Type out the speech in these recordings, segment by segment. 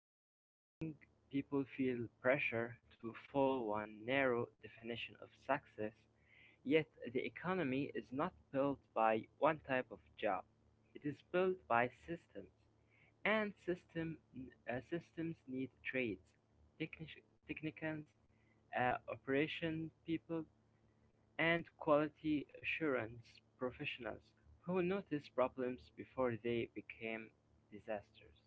Since many young people feel pressure to follow one narrow definition of success, yet the economy is not built by one type of job. It is built by systems, and systems need trades, technicians, operation people, and quality assurance professionals who noticed problems before they became disasters.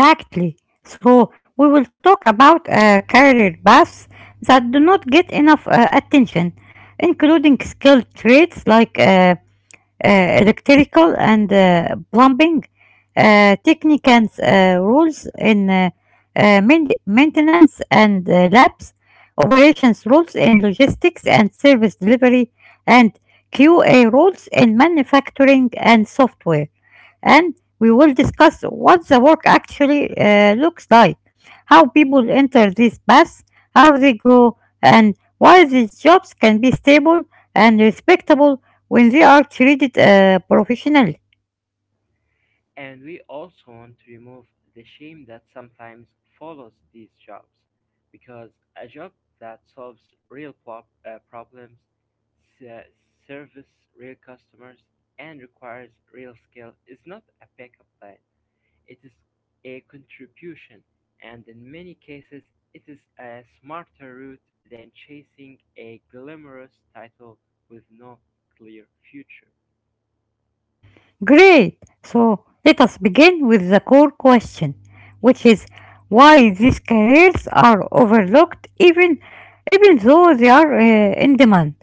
Exactly. So we will talk about career paths that do not get enough attention, including skilled trades like uh, electrical and plumbing technicians rules in maintenance and labs, operations rules in logistics and service delivery, and QA rules in manufacturing and software. And we will discuss what the work actually looks like, how people enter these paths, how they grow, and why these jobs can be stable and respectable when they are treated professionally. And we also want to remove the shame that sometimes follows these jobs because a job that solves problems, se- serves real customers, and requires real skill is not a backup plan. It is a contribution, and in many cases it is a smarter route than chasing a glamorous title with no clear future. Great! So let us begin with the core question, which is why these careers are overlooked even though they are in demand.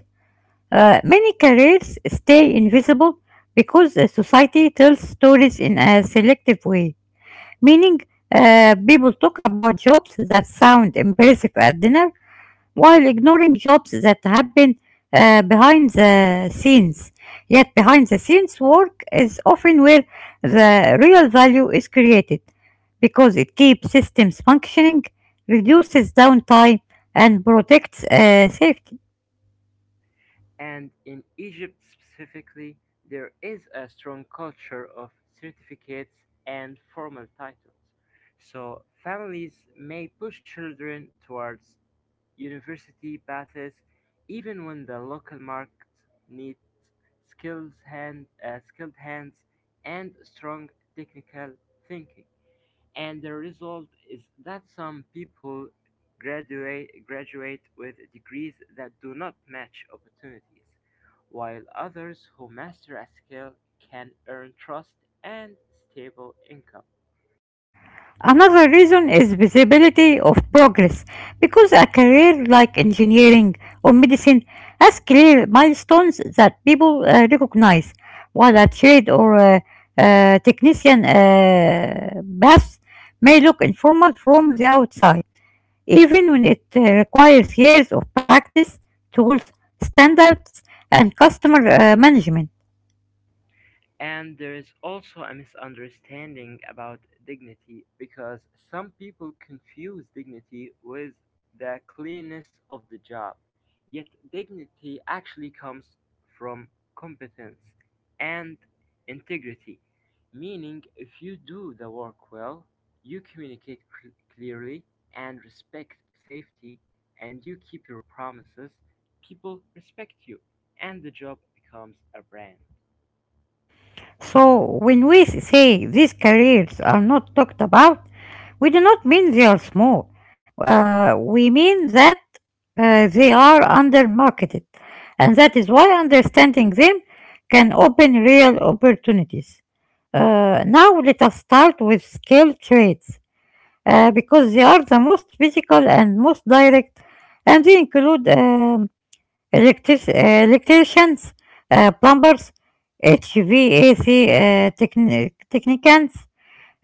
Many careers stay invisible because society tells stories in a selective way, meaning people talk about jobs that sound impressive at dinner while ignoring jobs that happen behind the scenes. Yet, behind the scenes work is often where the real value is created because it keeps systems functioning, reduces downtime, and protects safety. And in Egypt specifically, there is a strong culture of certificates and formal titles. So families may push children towards university passes even when the local market needs skilled hands and strong technical thinking. And the result is that some people graduate with degrees that do not match opportunities, while others who master a skill can earn trust and stable income. Another reason is visibility of progress because a career like engineering or medicine has clear milestones that people recognize, while a trade or a technician path may look informal from the outside, even when it requires years of practice, tools, standards, and customer management. And there is also a misunderstanding about dignity because some people confuse dignity with the cleanness of the job. Yet dignity actually comes from competence and integrity, meaning if you do the work well, you communicate clearly and respect safety, and you keep your promises, people respect you, and the job becomes a brand. So, when we say these careers are not talked about, we do not mean they are small. We mean that they are undermarketed, and that is why understanding them can open real opportunities. Now, let us start with skilled trades because they are the most physical and most direct, and they include electricians, plumbers, HVAC technicians,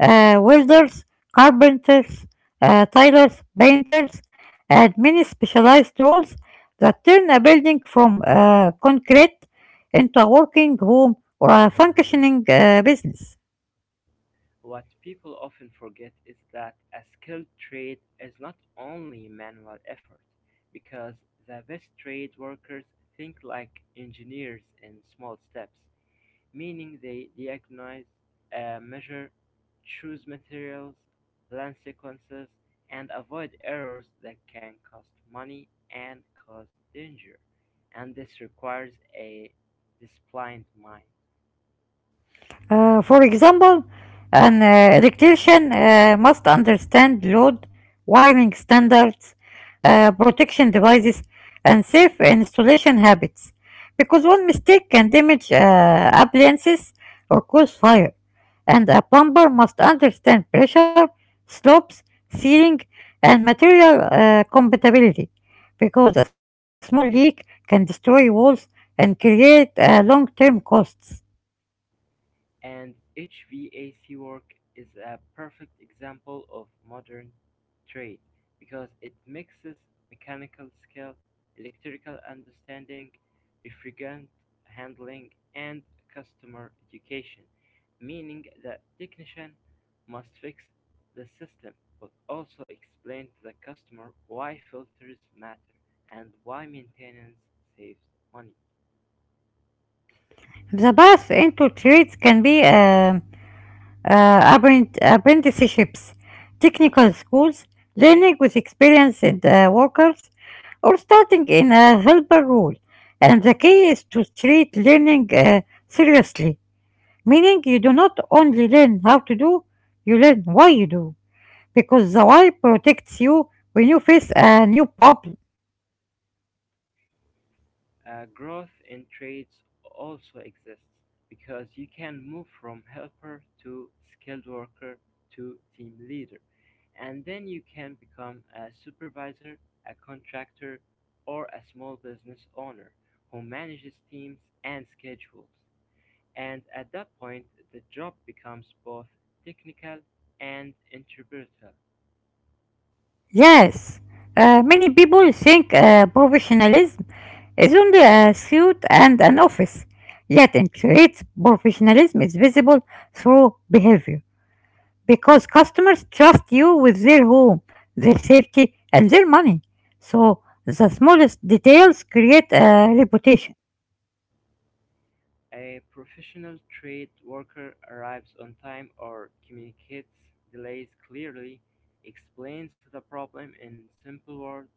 welders, carpenters, tilers, painters, and many specialized roles that turn a building from concrete into a working home or a functioning business. What people often forget is that a skilled trade is not only manual effort, because the best trade workers think like engineers in small steps, meaning they diagnose, measure, choose materials, plan sequences, and avoid errors that can cost money and cause danger. And this requires a disciplined mind. For example, an electrician must understand load, wiring standards, protection devices, and safe installation habits, because one mistake can damage appliances or cause fire. And a plumber must understand pressure, slopes, sealing, and material compatibility, because a small leak can destroy walls and create long-term costs. And HVAC work is a perfect example of modern trade because it mixes mechanical skill, electrical understanding, refrigerant handling, and customer education, meaning the technician must fix the system but also explain to the customer why filters matter and why maintenance saves money. The path into trades can be apprenticeships, technical schools, learning with experienced workers, or starting in a helper role. And the key is to treat learning seriously, meaning you do not only learn how to do, you learn why you do, because the why protects you when you face a new problem. Growth in trades also exists because you can move from helper to skilled worker to team leader, and then you can become a supervisor, a contractor, or a small business owner who manages teams and schedules. And at that point, the job becomes both technical and interpretive. Yes, many people think professionalism is only a suit and an office. Yet in trades, professionalism is visible through behavior because customers trust you with their home, their safety, and their money. So the smallest details create a reputation. A professional trade worker arrives on time or communicates delays clearly, explains the problem in simple words,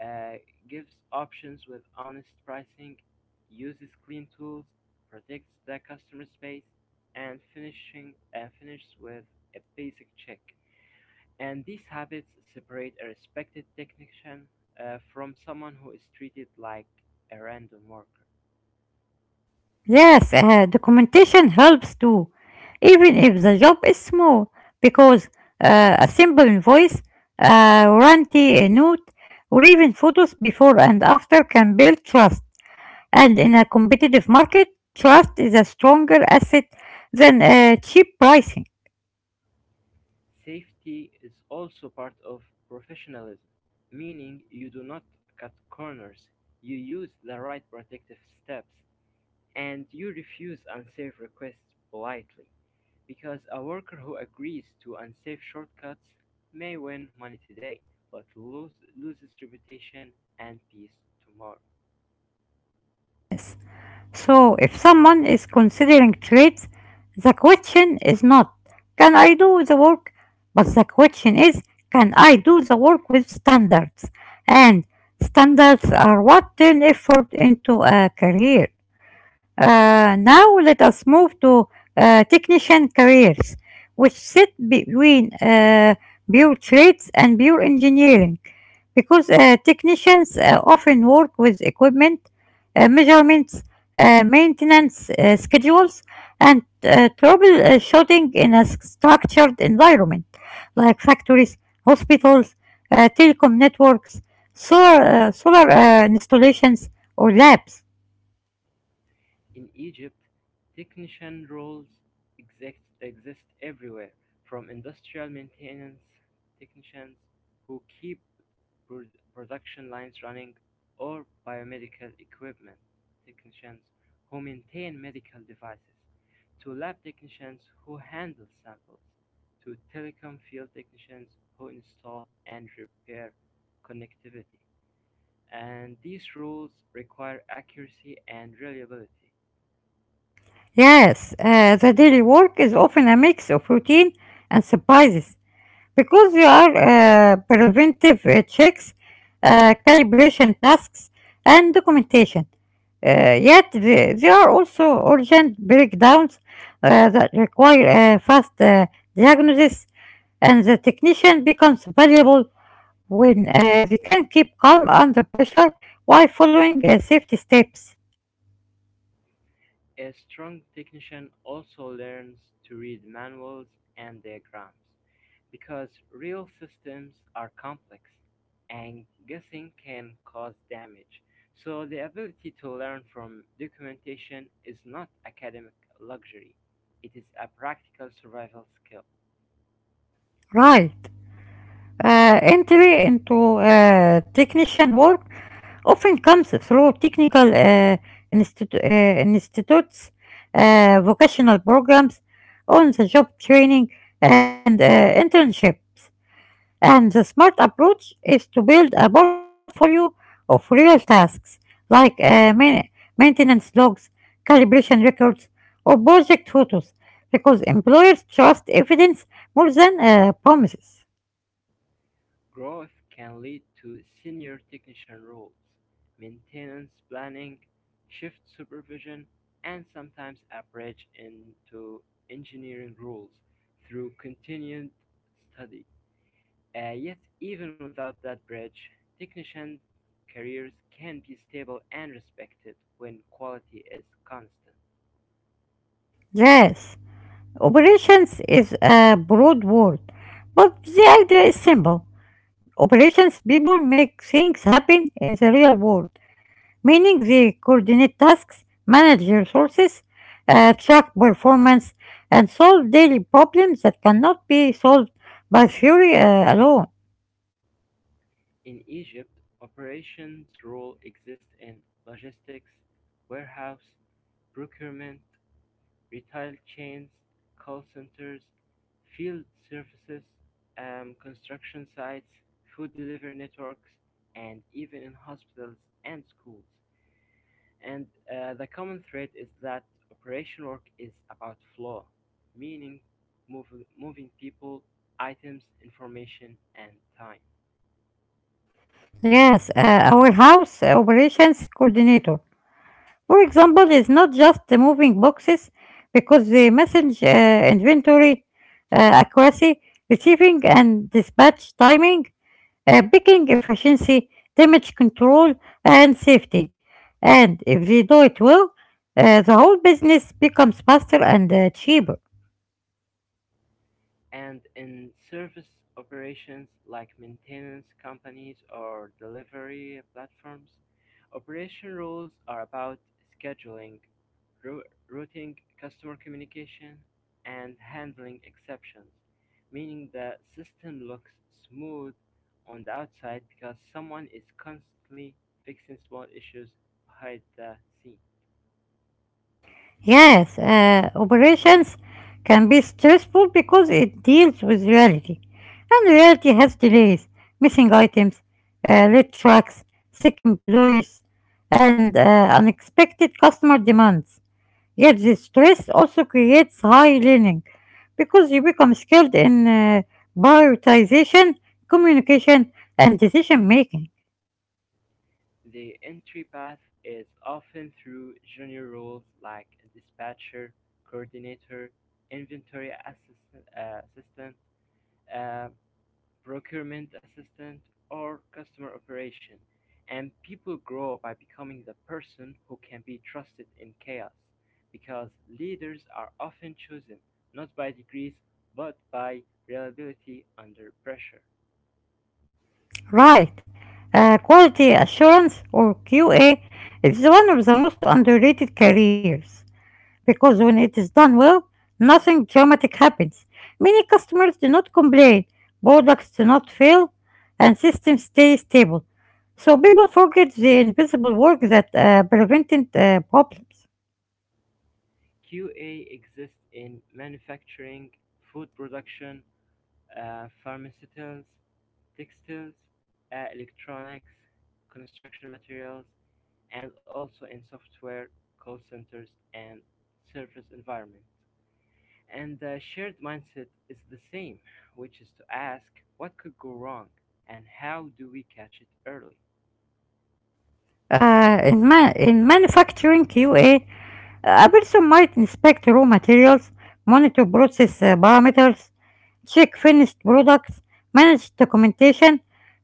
uh, gives options with honest pricing, uses clean tools, protects the customer space, and finishing and finishes with a basic check. And these habits separate a respected technician from someone who is treated like a random worker. Yes, documentation helps too, even if the job is small, because a simple invoice, a warranty a note, or even photos before and after can build trust. And in a competitive market, trust is a stronger asset than cheap pricing. Safety is also part of professionalism, meaning you do not cut corners, you use the right protective steps, and you refuse unsafe requests politely. Because a worker who agrees to unsafe shortcuts may win money today, but loses reputation and peace tomorrow. Yes. So if someone is considering traits, the question is not can I do the work, but the question is can I do the work with standards? And standards are what turn effort into a career. Now let us move to technician careers, which sit between pure trades and pure engineering, because technicians often work with equipment, measurements, maintenance schedules, and troubleshooting in a structured environment like factories, hospitals, telecom networks, solar installations, or labs. In Egypt, technician roles exist everywhere, from industrial maintenance technicians who keep pro production lines running or biomedical equipment technicians who maintain medical devices, to lab technicians who handle samples, to telecom field technicians who install and repair connectivity. And these roles require accuracy and reliability. Yes, the daily work is often a mix of routine and surprises because there are preventive checks, calibration tasks, and documentation. Yet there are also urgent breakdowns that require fast diagnosis, and the technician becomes valuable when they can keep calm under pressure while following safety steps. A strong technician also learns to read manuals and diagrams, because real systems are complex and guessing can cause damage. So, the ability to learn from documentation is not academic luxury, it is a practical survival skill. Right. Entry into technician work often comes through technical institutes, vocational programs, on the job training, and internships. And the smart approach is to build a portfolio of real tasks like maintenance logs, calibration records, or project photos because employers trust evidence more than promises. Growth can lead to senior technician roles, maintenance planning, shift supervision, and sometimes a bridge into engineering roles through continued study. Yet, even without that bridge, technician careers can be stable and respected when quality is constant. Yes. Operations is a broad word, but the idea is simple. Operations people make things happen in the real world, meaning they coordinate tasks, manage resources, track performance, and solve daily problems that cannot be solved by theory alone. In Egypt, operations roles exist in logistics, warehouse, procurement, retail chains, call centers, field services, and construction sites, food delivery networks, and even in hospitals and schools. And the common thread is that operation work is about flow, meaning mov- moving people, items, information, and time. Yes, our house operations coordinator, for example, it's not just the moving boxes because the message inventory accuracy, receiving and dispatch timing, picking efficiency, damage control, and safety. And if they do it well, the whole business becomes faster and cheaper. And in service operations like maintenance companies or delivery platforms, operation rules are about scheduling, routing, customer communication, and handling exceptions, meaning the system looks smooth on the outside because someone is constantly fixing small issues behind the scenes. Yes, operations can be stressful because it deals with reality. And reality has delays, missing items, late trucks, sick employees, and unexpected customer demands. Yet this stress also creates high learning because you become skilled in prioritization, communication, and decision making. The entry path is often through junior roles like dispatcher, coordinator, assistant, uh, procurement assistant, or customer operation, and people grow by becoming the person who can be trusted in chaos because leaders are often chosen not by degrees but by reliability under pressure. Right. Quality assurance or QA is one of the most underrated careers because when it is done well, nothing dramatic happens. Many customers do not complain, products do not fail, and systems stay stable. So people forget the invisible work that prevented problems. QA exists in manufacturing, food production, pharmaceuticals, textiles, electronics, construction materials, and also in software, call centers, and service environment. And the shared mindset is the same, which is to ask what could go wrong and how do we catch it early. In manufacturing QA, a person might inspect raw materials, monitor process parameters, check finished products, manage documentation,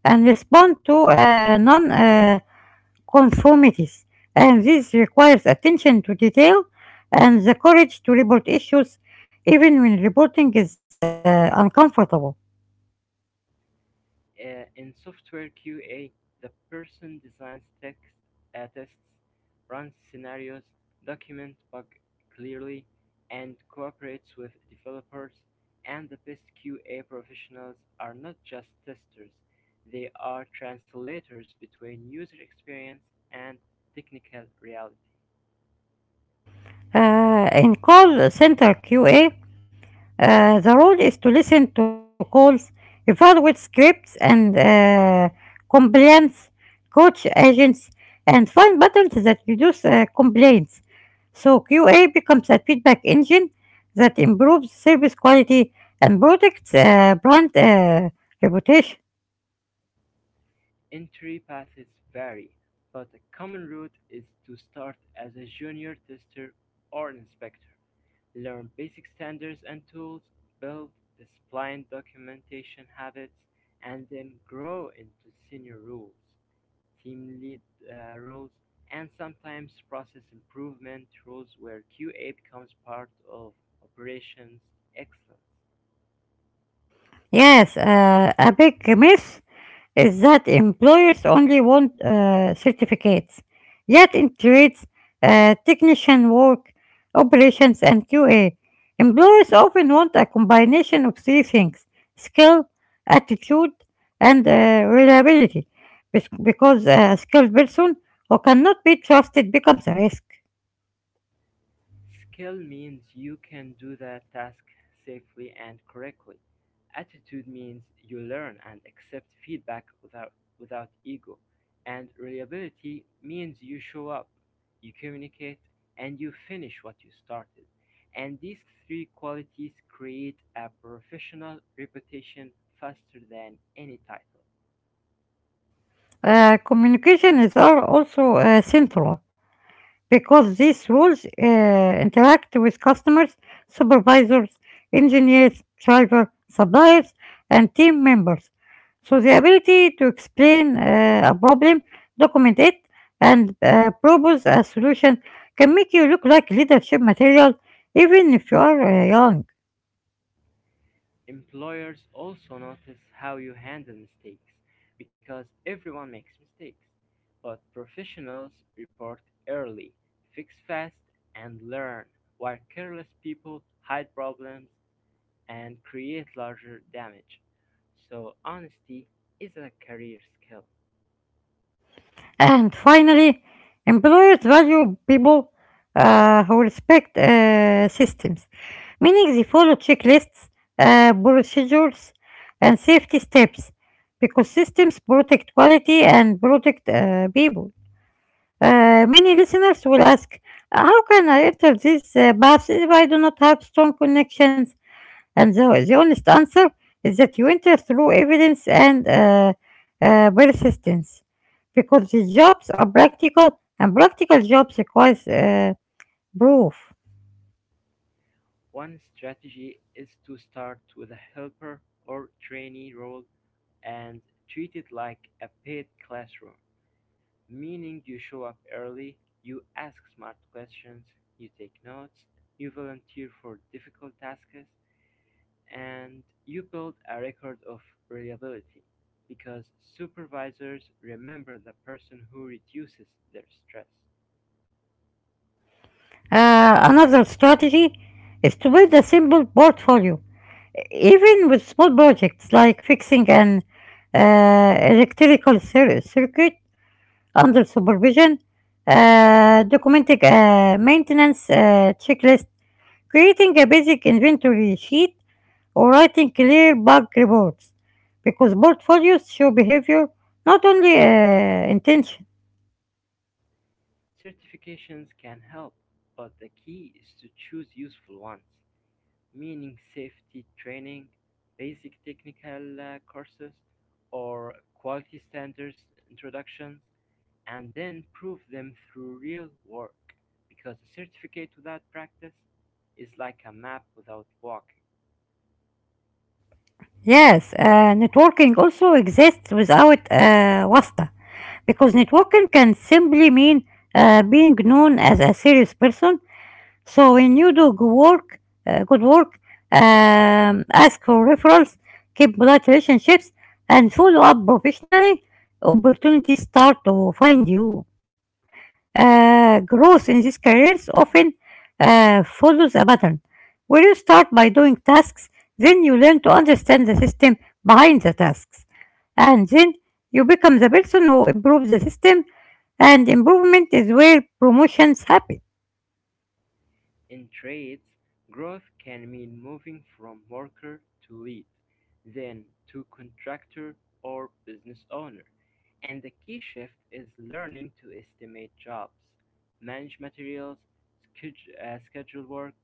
and respond to non conformities. And this requires attention to detail and the courage to report issues even when reporting is uncomfortable. In software QA, the person designs tests, runs scenarios, documents bugs clearly, and cooperates with developers. And the best QA professionals are not just testers, they are translators between user experience and technical reality. In call center QA, the rule is to listen to calls, evaluate scripts and compliance, coach agents, and find patterns that reduce complaints. So QA becomes a feedback engine that improves service quality and protects brand reputation. Entry paths vary, but a common route is to start as a junior tester or inspector. Learn basic standards and tools, build disciplined documentation habits, and then grow into senior roles, team lead roles, and sometimes process improvement roles where QA becomes part of operations excellence. Yes, a big myth is that employers only want certificates, yet in trades, technician work, operations, and QA, employers often want a combination of three things: skill, attitude, and reliability, because a skilled person who cannot be trusted becomes a risk. Skill means you can do the task safely and correctly. Attitude means you learn and accept feedback without ego. And reliability means you show up, you communicate, and you finish what you started. And these three qualities create a professional reputation faster than any title. Communication is also central because these rules interact with customers, supervisors, engineers, drivers, suppliers, and team members. So the ability to explain a problem, document it, and propose a solution can make you look like leadership material even if you are young. Employers also notice how you handle mistakes because everyone makes mistakes. But professionals report early, fix fast, and learn, while careless people hide problems and create larger damage. So, honesty is a career skill. And finally, employers value people who respect systems, meaning they follow checklists, procedures, and safety steps because systems protect quality and protect people. Many listeners will ask, how can I enter this path if I do not have strong connections, and the honest answer is that you enter through evidence and persistence because these jobs are practical and practical jobs requires proof. One strategy is to start with a helper or trainee role and treat it like a paid classroom. Meaning you show up early, you ask smart questions, you take notes, you volunteer for difficult tasks, and you build a record of reliability because supervisors remember the person who reduces their stress. Another strategy is to build a simple portfolio, even with small projects like fixing an circuit under supervision, documenting a maintenance checklist, creating a basic inventory sheet, or writing clear bug reports because portfolios show behavior, not only intention. Certifications can help, but the key is to choose useful ones, meaning safety training, basic technical courses, or quality standards introductions and then prove them through real work because a certificate without practice is like a map without walking. Yes, networking also exists without wasta because networking can simply mean being known as a serious person. So when you do good work, ask for referrals, keep polite relationships, and follow up professionally, opportunities start to find you. Growth in these careers often follows a pattern where you start by doing tasks, then you learn to understand the system behind the tasks, and then you become the person who improves the system, and improvement is where promotions happen. In trades, growth can mean moving from worker to lead, then to contractor or business owner. And the key shift is learning to estimate jobs, manage materials, schedule, uh, work,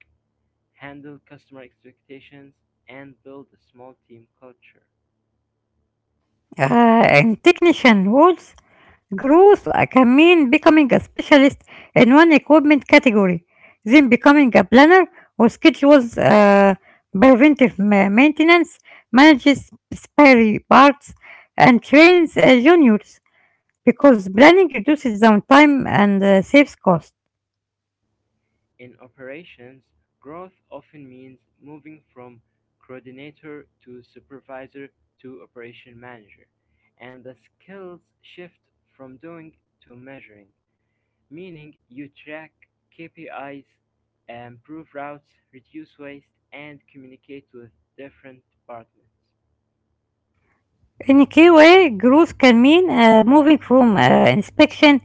handle customer expectations, and build a small team culture. And technician roles growth can mean becoming a specialist in one equipment category, then becoming a planner who schedules maintenance, manages spare parts, and trains juniors because planning reduces downtime and saves cost. In operations, growth often means moving from coordinator to supervisor to operation manager, and the skills shift from doing to measuring, meaning you track KPIs, improve routes, reduce waste, and communicate with different departments. In QA, growth can mean moving from inspection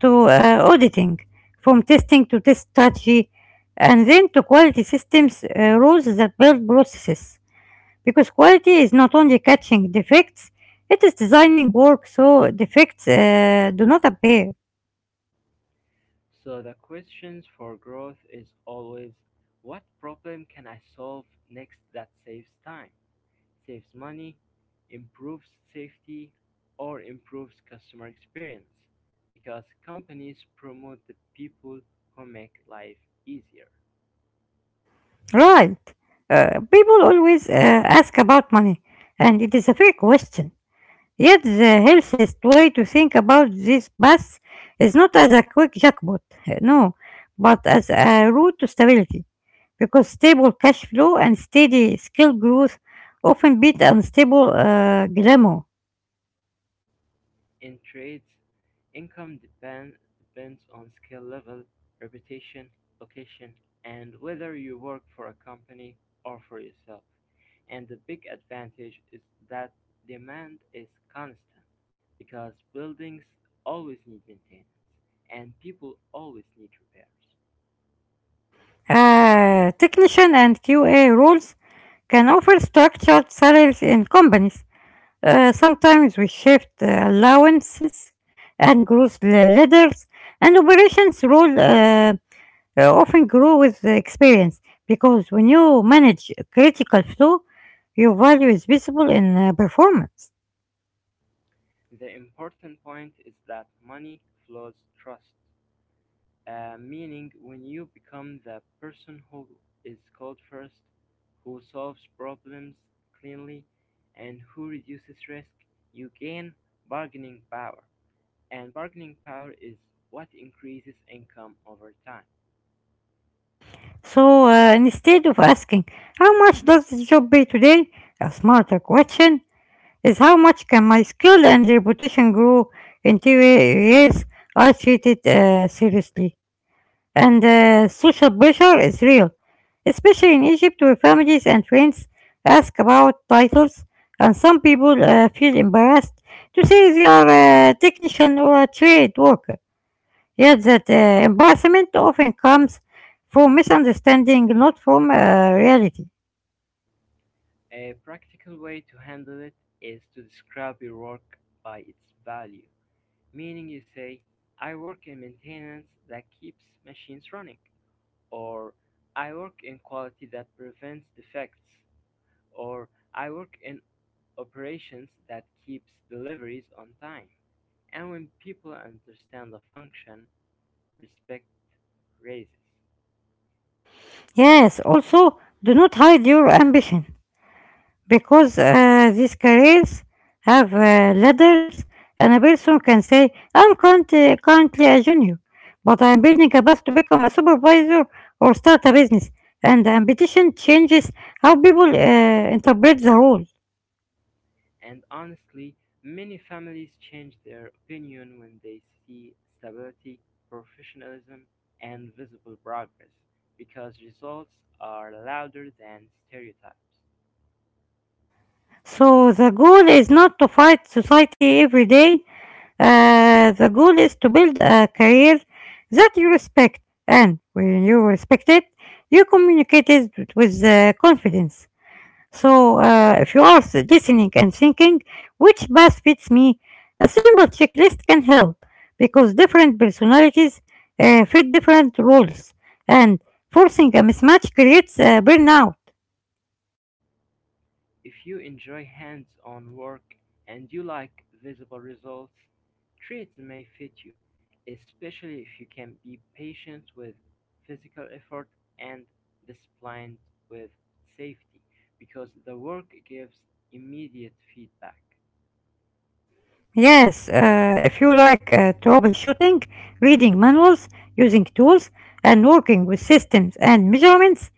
to auditing, from testing to test strategy, and then to quality systems rules that build processes. Because quality is not only catching defects, it is designing work so defects do not appear. So the questions for growth is always what problem can I solve next that saves time? Saves money, improves safety, or improves customer experience because companies promote the people who make life easier. Right. People always ask about money, and it is a fair question. Yet the healthiest way to think about this path is not as a quick jackpot, no, but as a route to stability, because stable cash flow and steady skill growth often beat unstable glamour. In trades, income depends on skill level, reputation, location, and whether you work for a company or for yourself. And the big advantage is that demand is constant because buildings always need maintenance and people always need repairs. Technician and QA roles can offer structured salaries in companies, sometimes with shift allowances and growth ladders, and operations role often grow with the experience because when you manage critical flow, your value is visible in performance. The important point is that money flows trust. Meaning, when you become the person who is called first, who solves problems cleanly, and who reduces risk, you gain bargaining power. And bargaining power is what increases income over time. So instead of asking, how much does this job pay today? A smarter question is how much can my skill and reputation grow in 2 years? I treat it seriously. And social pressure is real, especially in Egypt where families and friends ask about titles and some people feel embarrassed to say they are a technician or a trade worker. Yes, that embarrassment often comes from misunderstanding, not from reality. A practical way to handle it is to describe your work by its value. Meaning, you say, I work in maintenance that keeps machines running, or I work in quality that prevents defects, or I work in operations that keeps deliveries on time. And when people understand the function, respect raises. Yes, also do not hide your ambition because these careers have ladders, and a person can say, I'm currently a junior, but I'm building a path to become a supervisor or start a business. And the ambition changes how people interpret the role. And honestly, many families change their opinion when they see stability, professionalism, and visible progress because results are louder than stereotypes. So the goal is not to fight society every day. The goal is to build a career that you respect, and when you respect it, you communicate it with confidence. So if you are listening and thinking which path fits me, a simple checklist can help because different personalities fit different roles, and forcing a mismatch creates burnout. If you enjoy hands-on work and you like visible results, treats may fit you, especially if you can be patient with physical effort and disciplined with safety, because the work gives immediate feedback. Yes, if you like troubleshooting, reading manuals, using tools, and working with systems and measurements,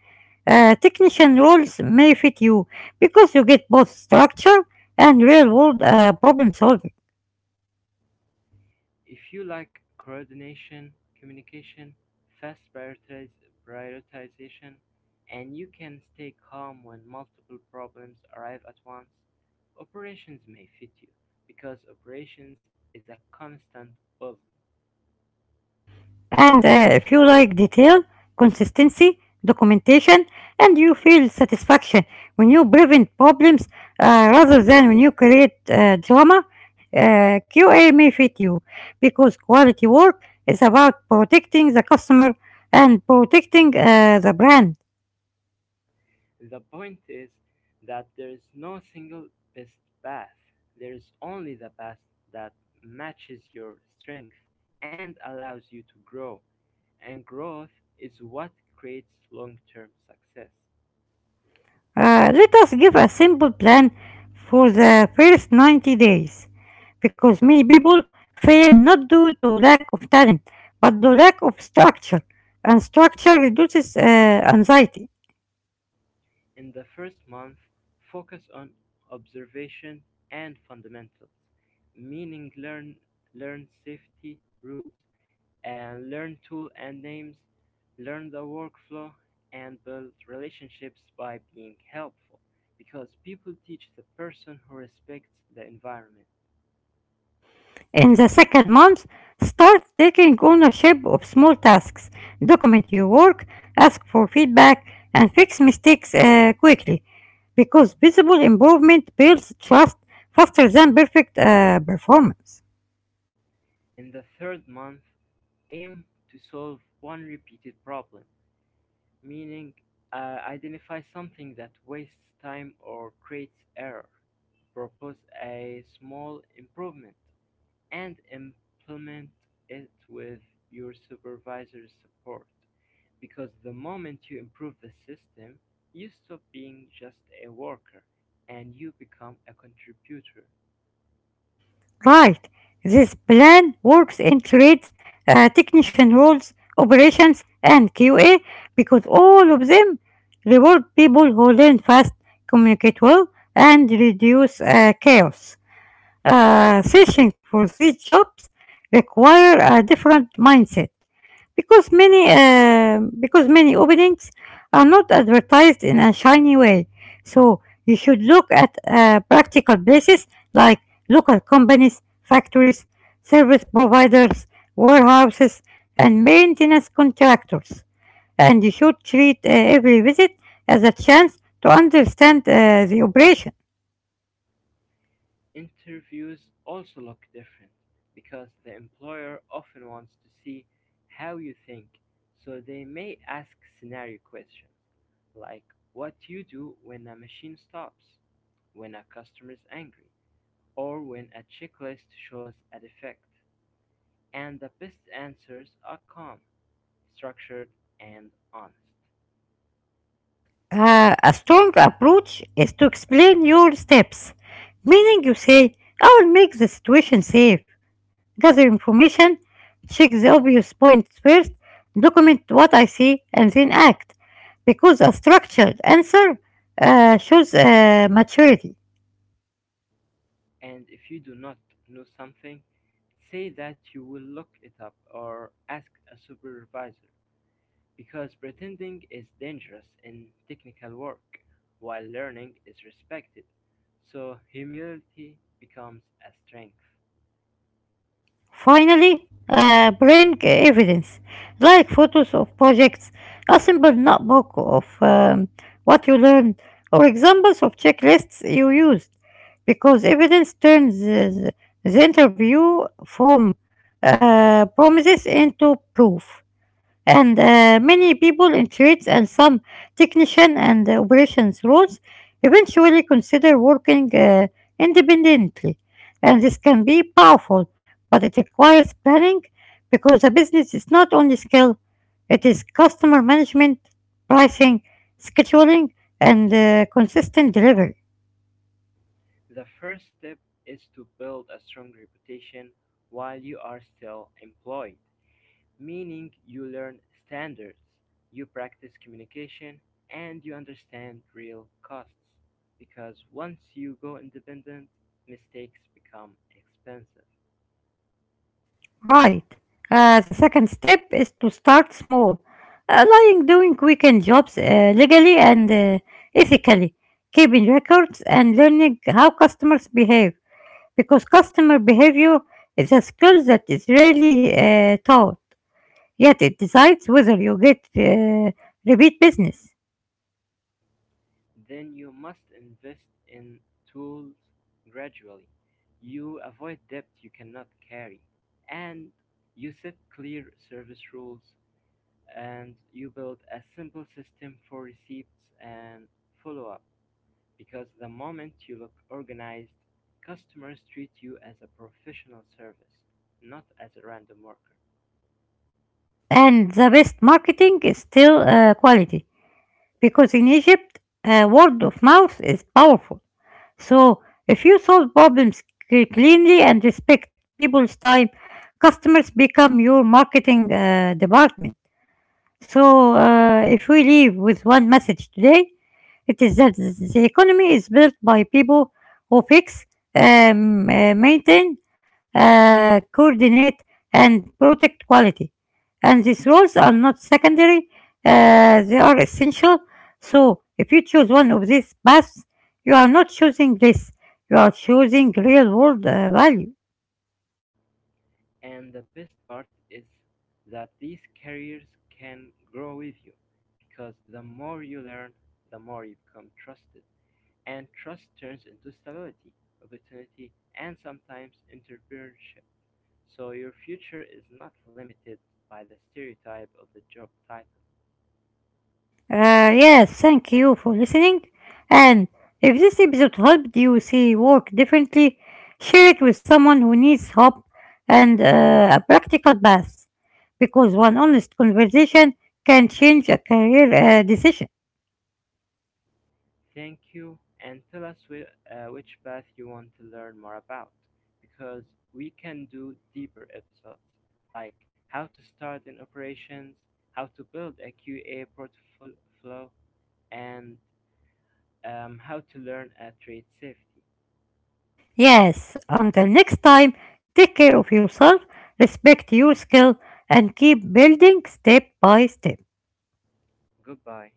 technician roles may fit you because you get both structure and real world problem solving. If you like coordination, communication, fast prioritization, and you can stay calm when multiple problems arrive at once, operations may fit you because operations is a constant puzzle. And if you like detail, consistency, documentation, and you feel satisfaction when you prevent problems rather than when you create drama, uh, QA may fit you because quality work is about protecting the customer and protecting the brand. The point is that there is no single best path. There is only the path that matches your strength and allows you to grow, and growth is what creates long term success. Let us give a simple plan for the first 90 days because many people fail not due to lack of talent but due to lack of structure, and structure reduces anxiety. In the first month, focus on observation and fundamentals, meaning learn safety rules and learn tool and names, learn the workflow and build relationships by being helpful because people teach the person who respects the environment. In the second month, start taking ownership of small tasks, document your work, ask for feedback, and fix mistakes quickly, because visible improvement builds trust faster than perfect performance. In the third month, aim to solve one repeated problem meaning identify something that wastes time or creates error, propose a small improvement, and implement it with your supervisor's support. Because the moment you improve the system, you stop being just a worker and you become a contributor. Right. This plan works in trades, technician roles, operations, and QA because all of them reward people who learn fast, communicate well, and reduce chaos. Uh, searching for these jobs require a different mindset because many openings are not advertised in a shiny way. So you should look at practical places like local companies, factories, service providers, warehouses, and maintenance contractors. And you should treat every visit as a chance to understand the operation. Interviews also look different because the employer often wants to see how you think, so they may ask scenario questions like what you do when a machine stops, when a customer is angry, or when a checklist shows a defect. And the best answers are calm, structured, and honest. A strong approach is to explain your steps, meaning you say, I will make the situation safe, gather information, check the obvious points first, document what I see, and then act. Because a structured answer shows maturity. And if you do not know something, say that you will look it up or ask a supervisor. Because pretending is dangerous in technical work, while learning is respected, so humility becomes a strength. Finally, bring evidence like photos of projects, a simple notebook of what you learned, or examples of checklists you used, because evidence turns the interview from promises into proof. And many people in trades and some technician and operations roles eventually consider working independently. And this can be powerful, but it requires planning because a business is not only skill, it is customer management, pricing, scheduling, and consistent delivery. The first step is to build a strong reputation while you are still employed, meaning you learn standards, you practice communication, and you understand real costs. Because once you go independent, mistakes become expensive. Right. The second step is to start small, like doing weekend jobs legally and ethically, keeping records and learning how customers behave, because customer behavior is a skill that is rarely taught, yet it decides whether you get repeat business. Then you must invest in tools gradually. You avoid debt you cannot carry, and you set clear service rules, and you build a simple system for receipts and follow up. Because the moment you look organized, customers treat you as a professional service, not as a random worker. And the best marketing is still quality, because in Egypt, word of mouth is powerful. So, if you solve problems cleanly and respect people's time, customers become your marketing department. So, if we leave with one message today, it is that the economy is built by people who fix, maintain, coordinate, and protect quality. And these roles are not secondary, they are essential. So, if you choose one of these paths, you are not choosing this, you are choosing real world value. And the best part is that these careers can grow with you because the more you learn, the more you become trusted. And trust turns into stability, opportunity, and sometimes entrepreneurship. So your future is not limited by the stereotype of the job title. Yes, thank you for listening. And if this episode helped you see work differently, share it with someone who needs hope and a practical path. Because one honest conversation can change a career decision. Thank you, and tell us which path you want to learn more about, because we can do deeper episodes, like how to start in operations, how to build a QA portfolio, and how to learn a trade safety. Yes, until next time, take care of yourself, respect your skill, and keep building step by step. Goodbye.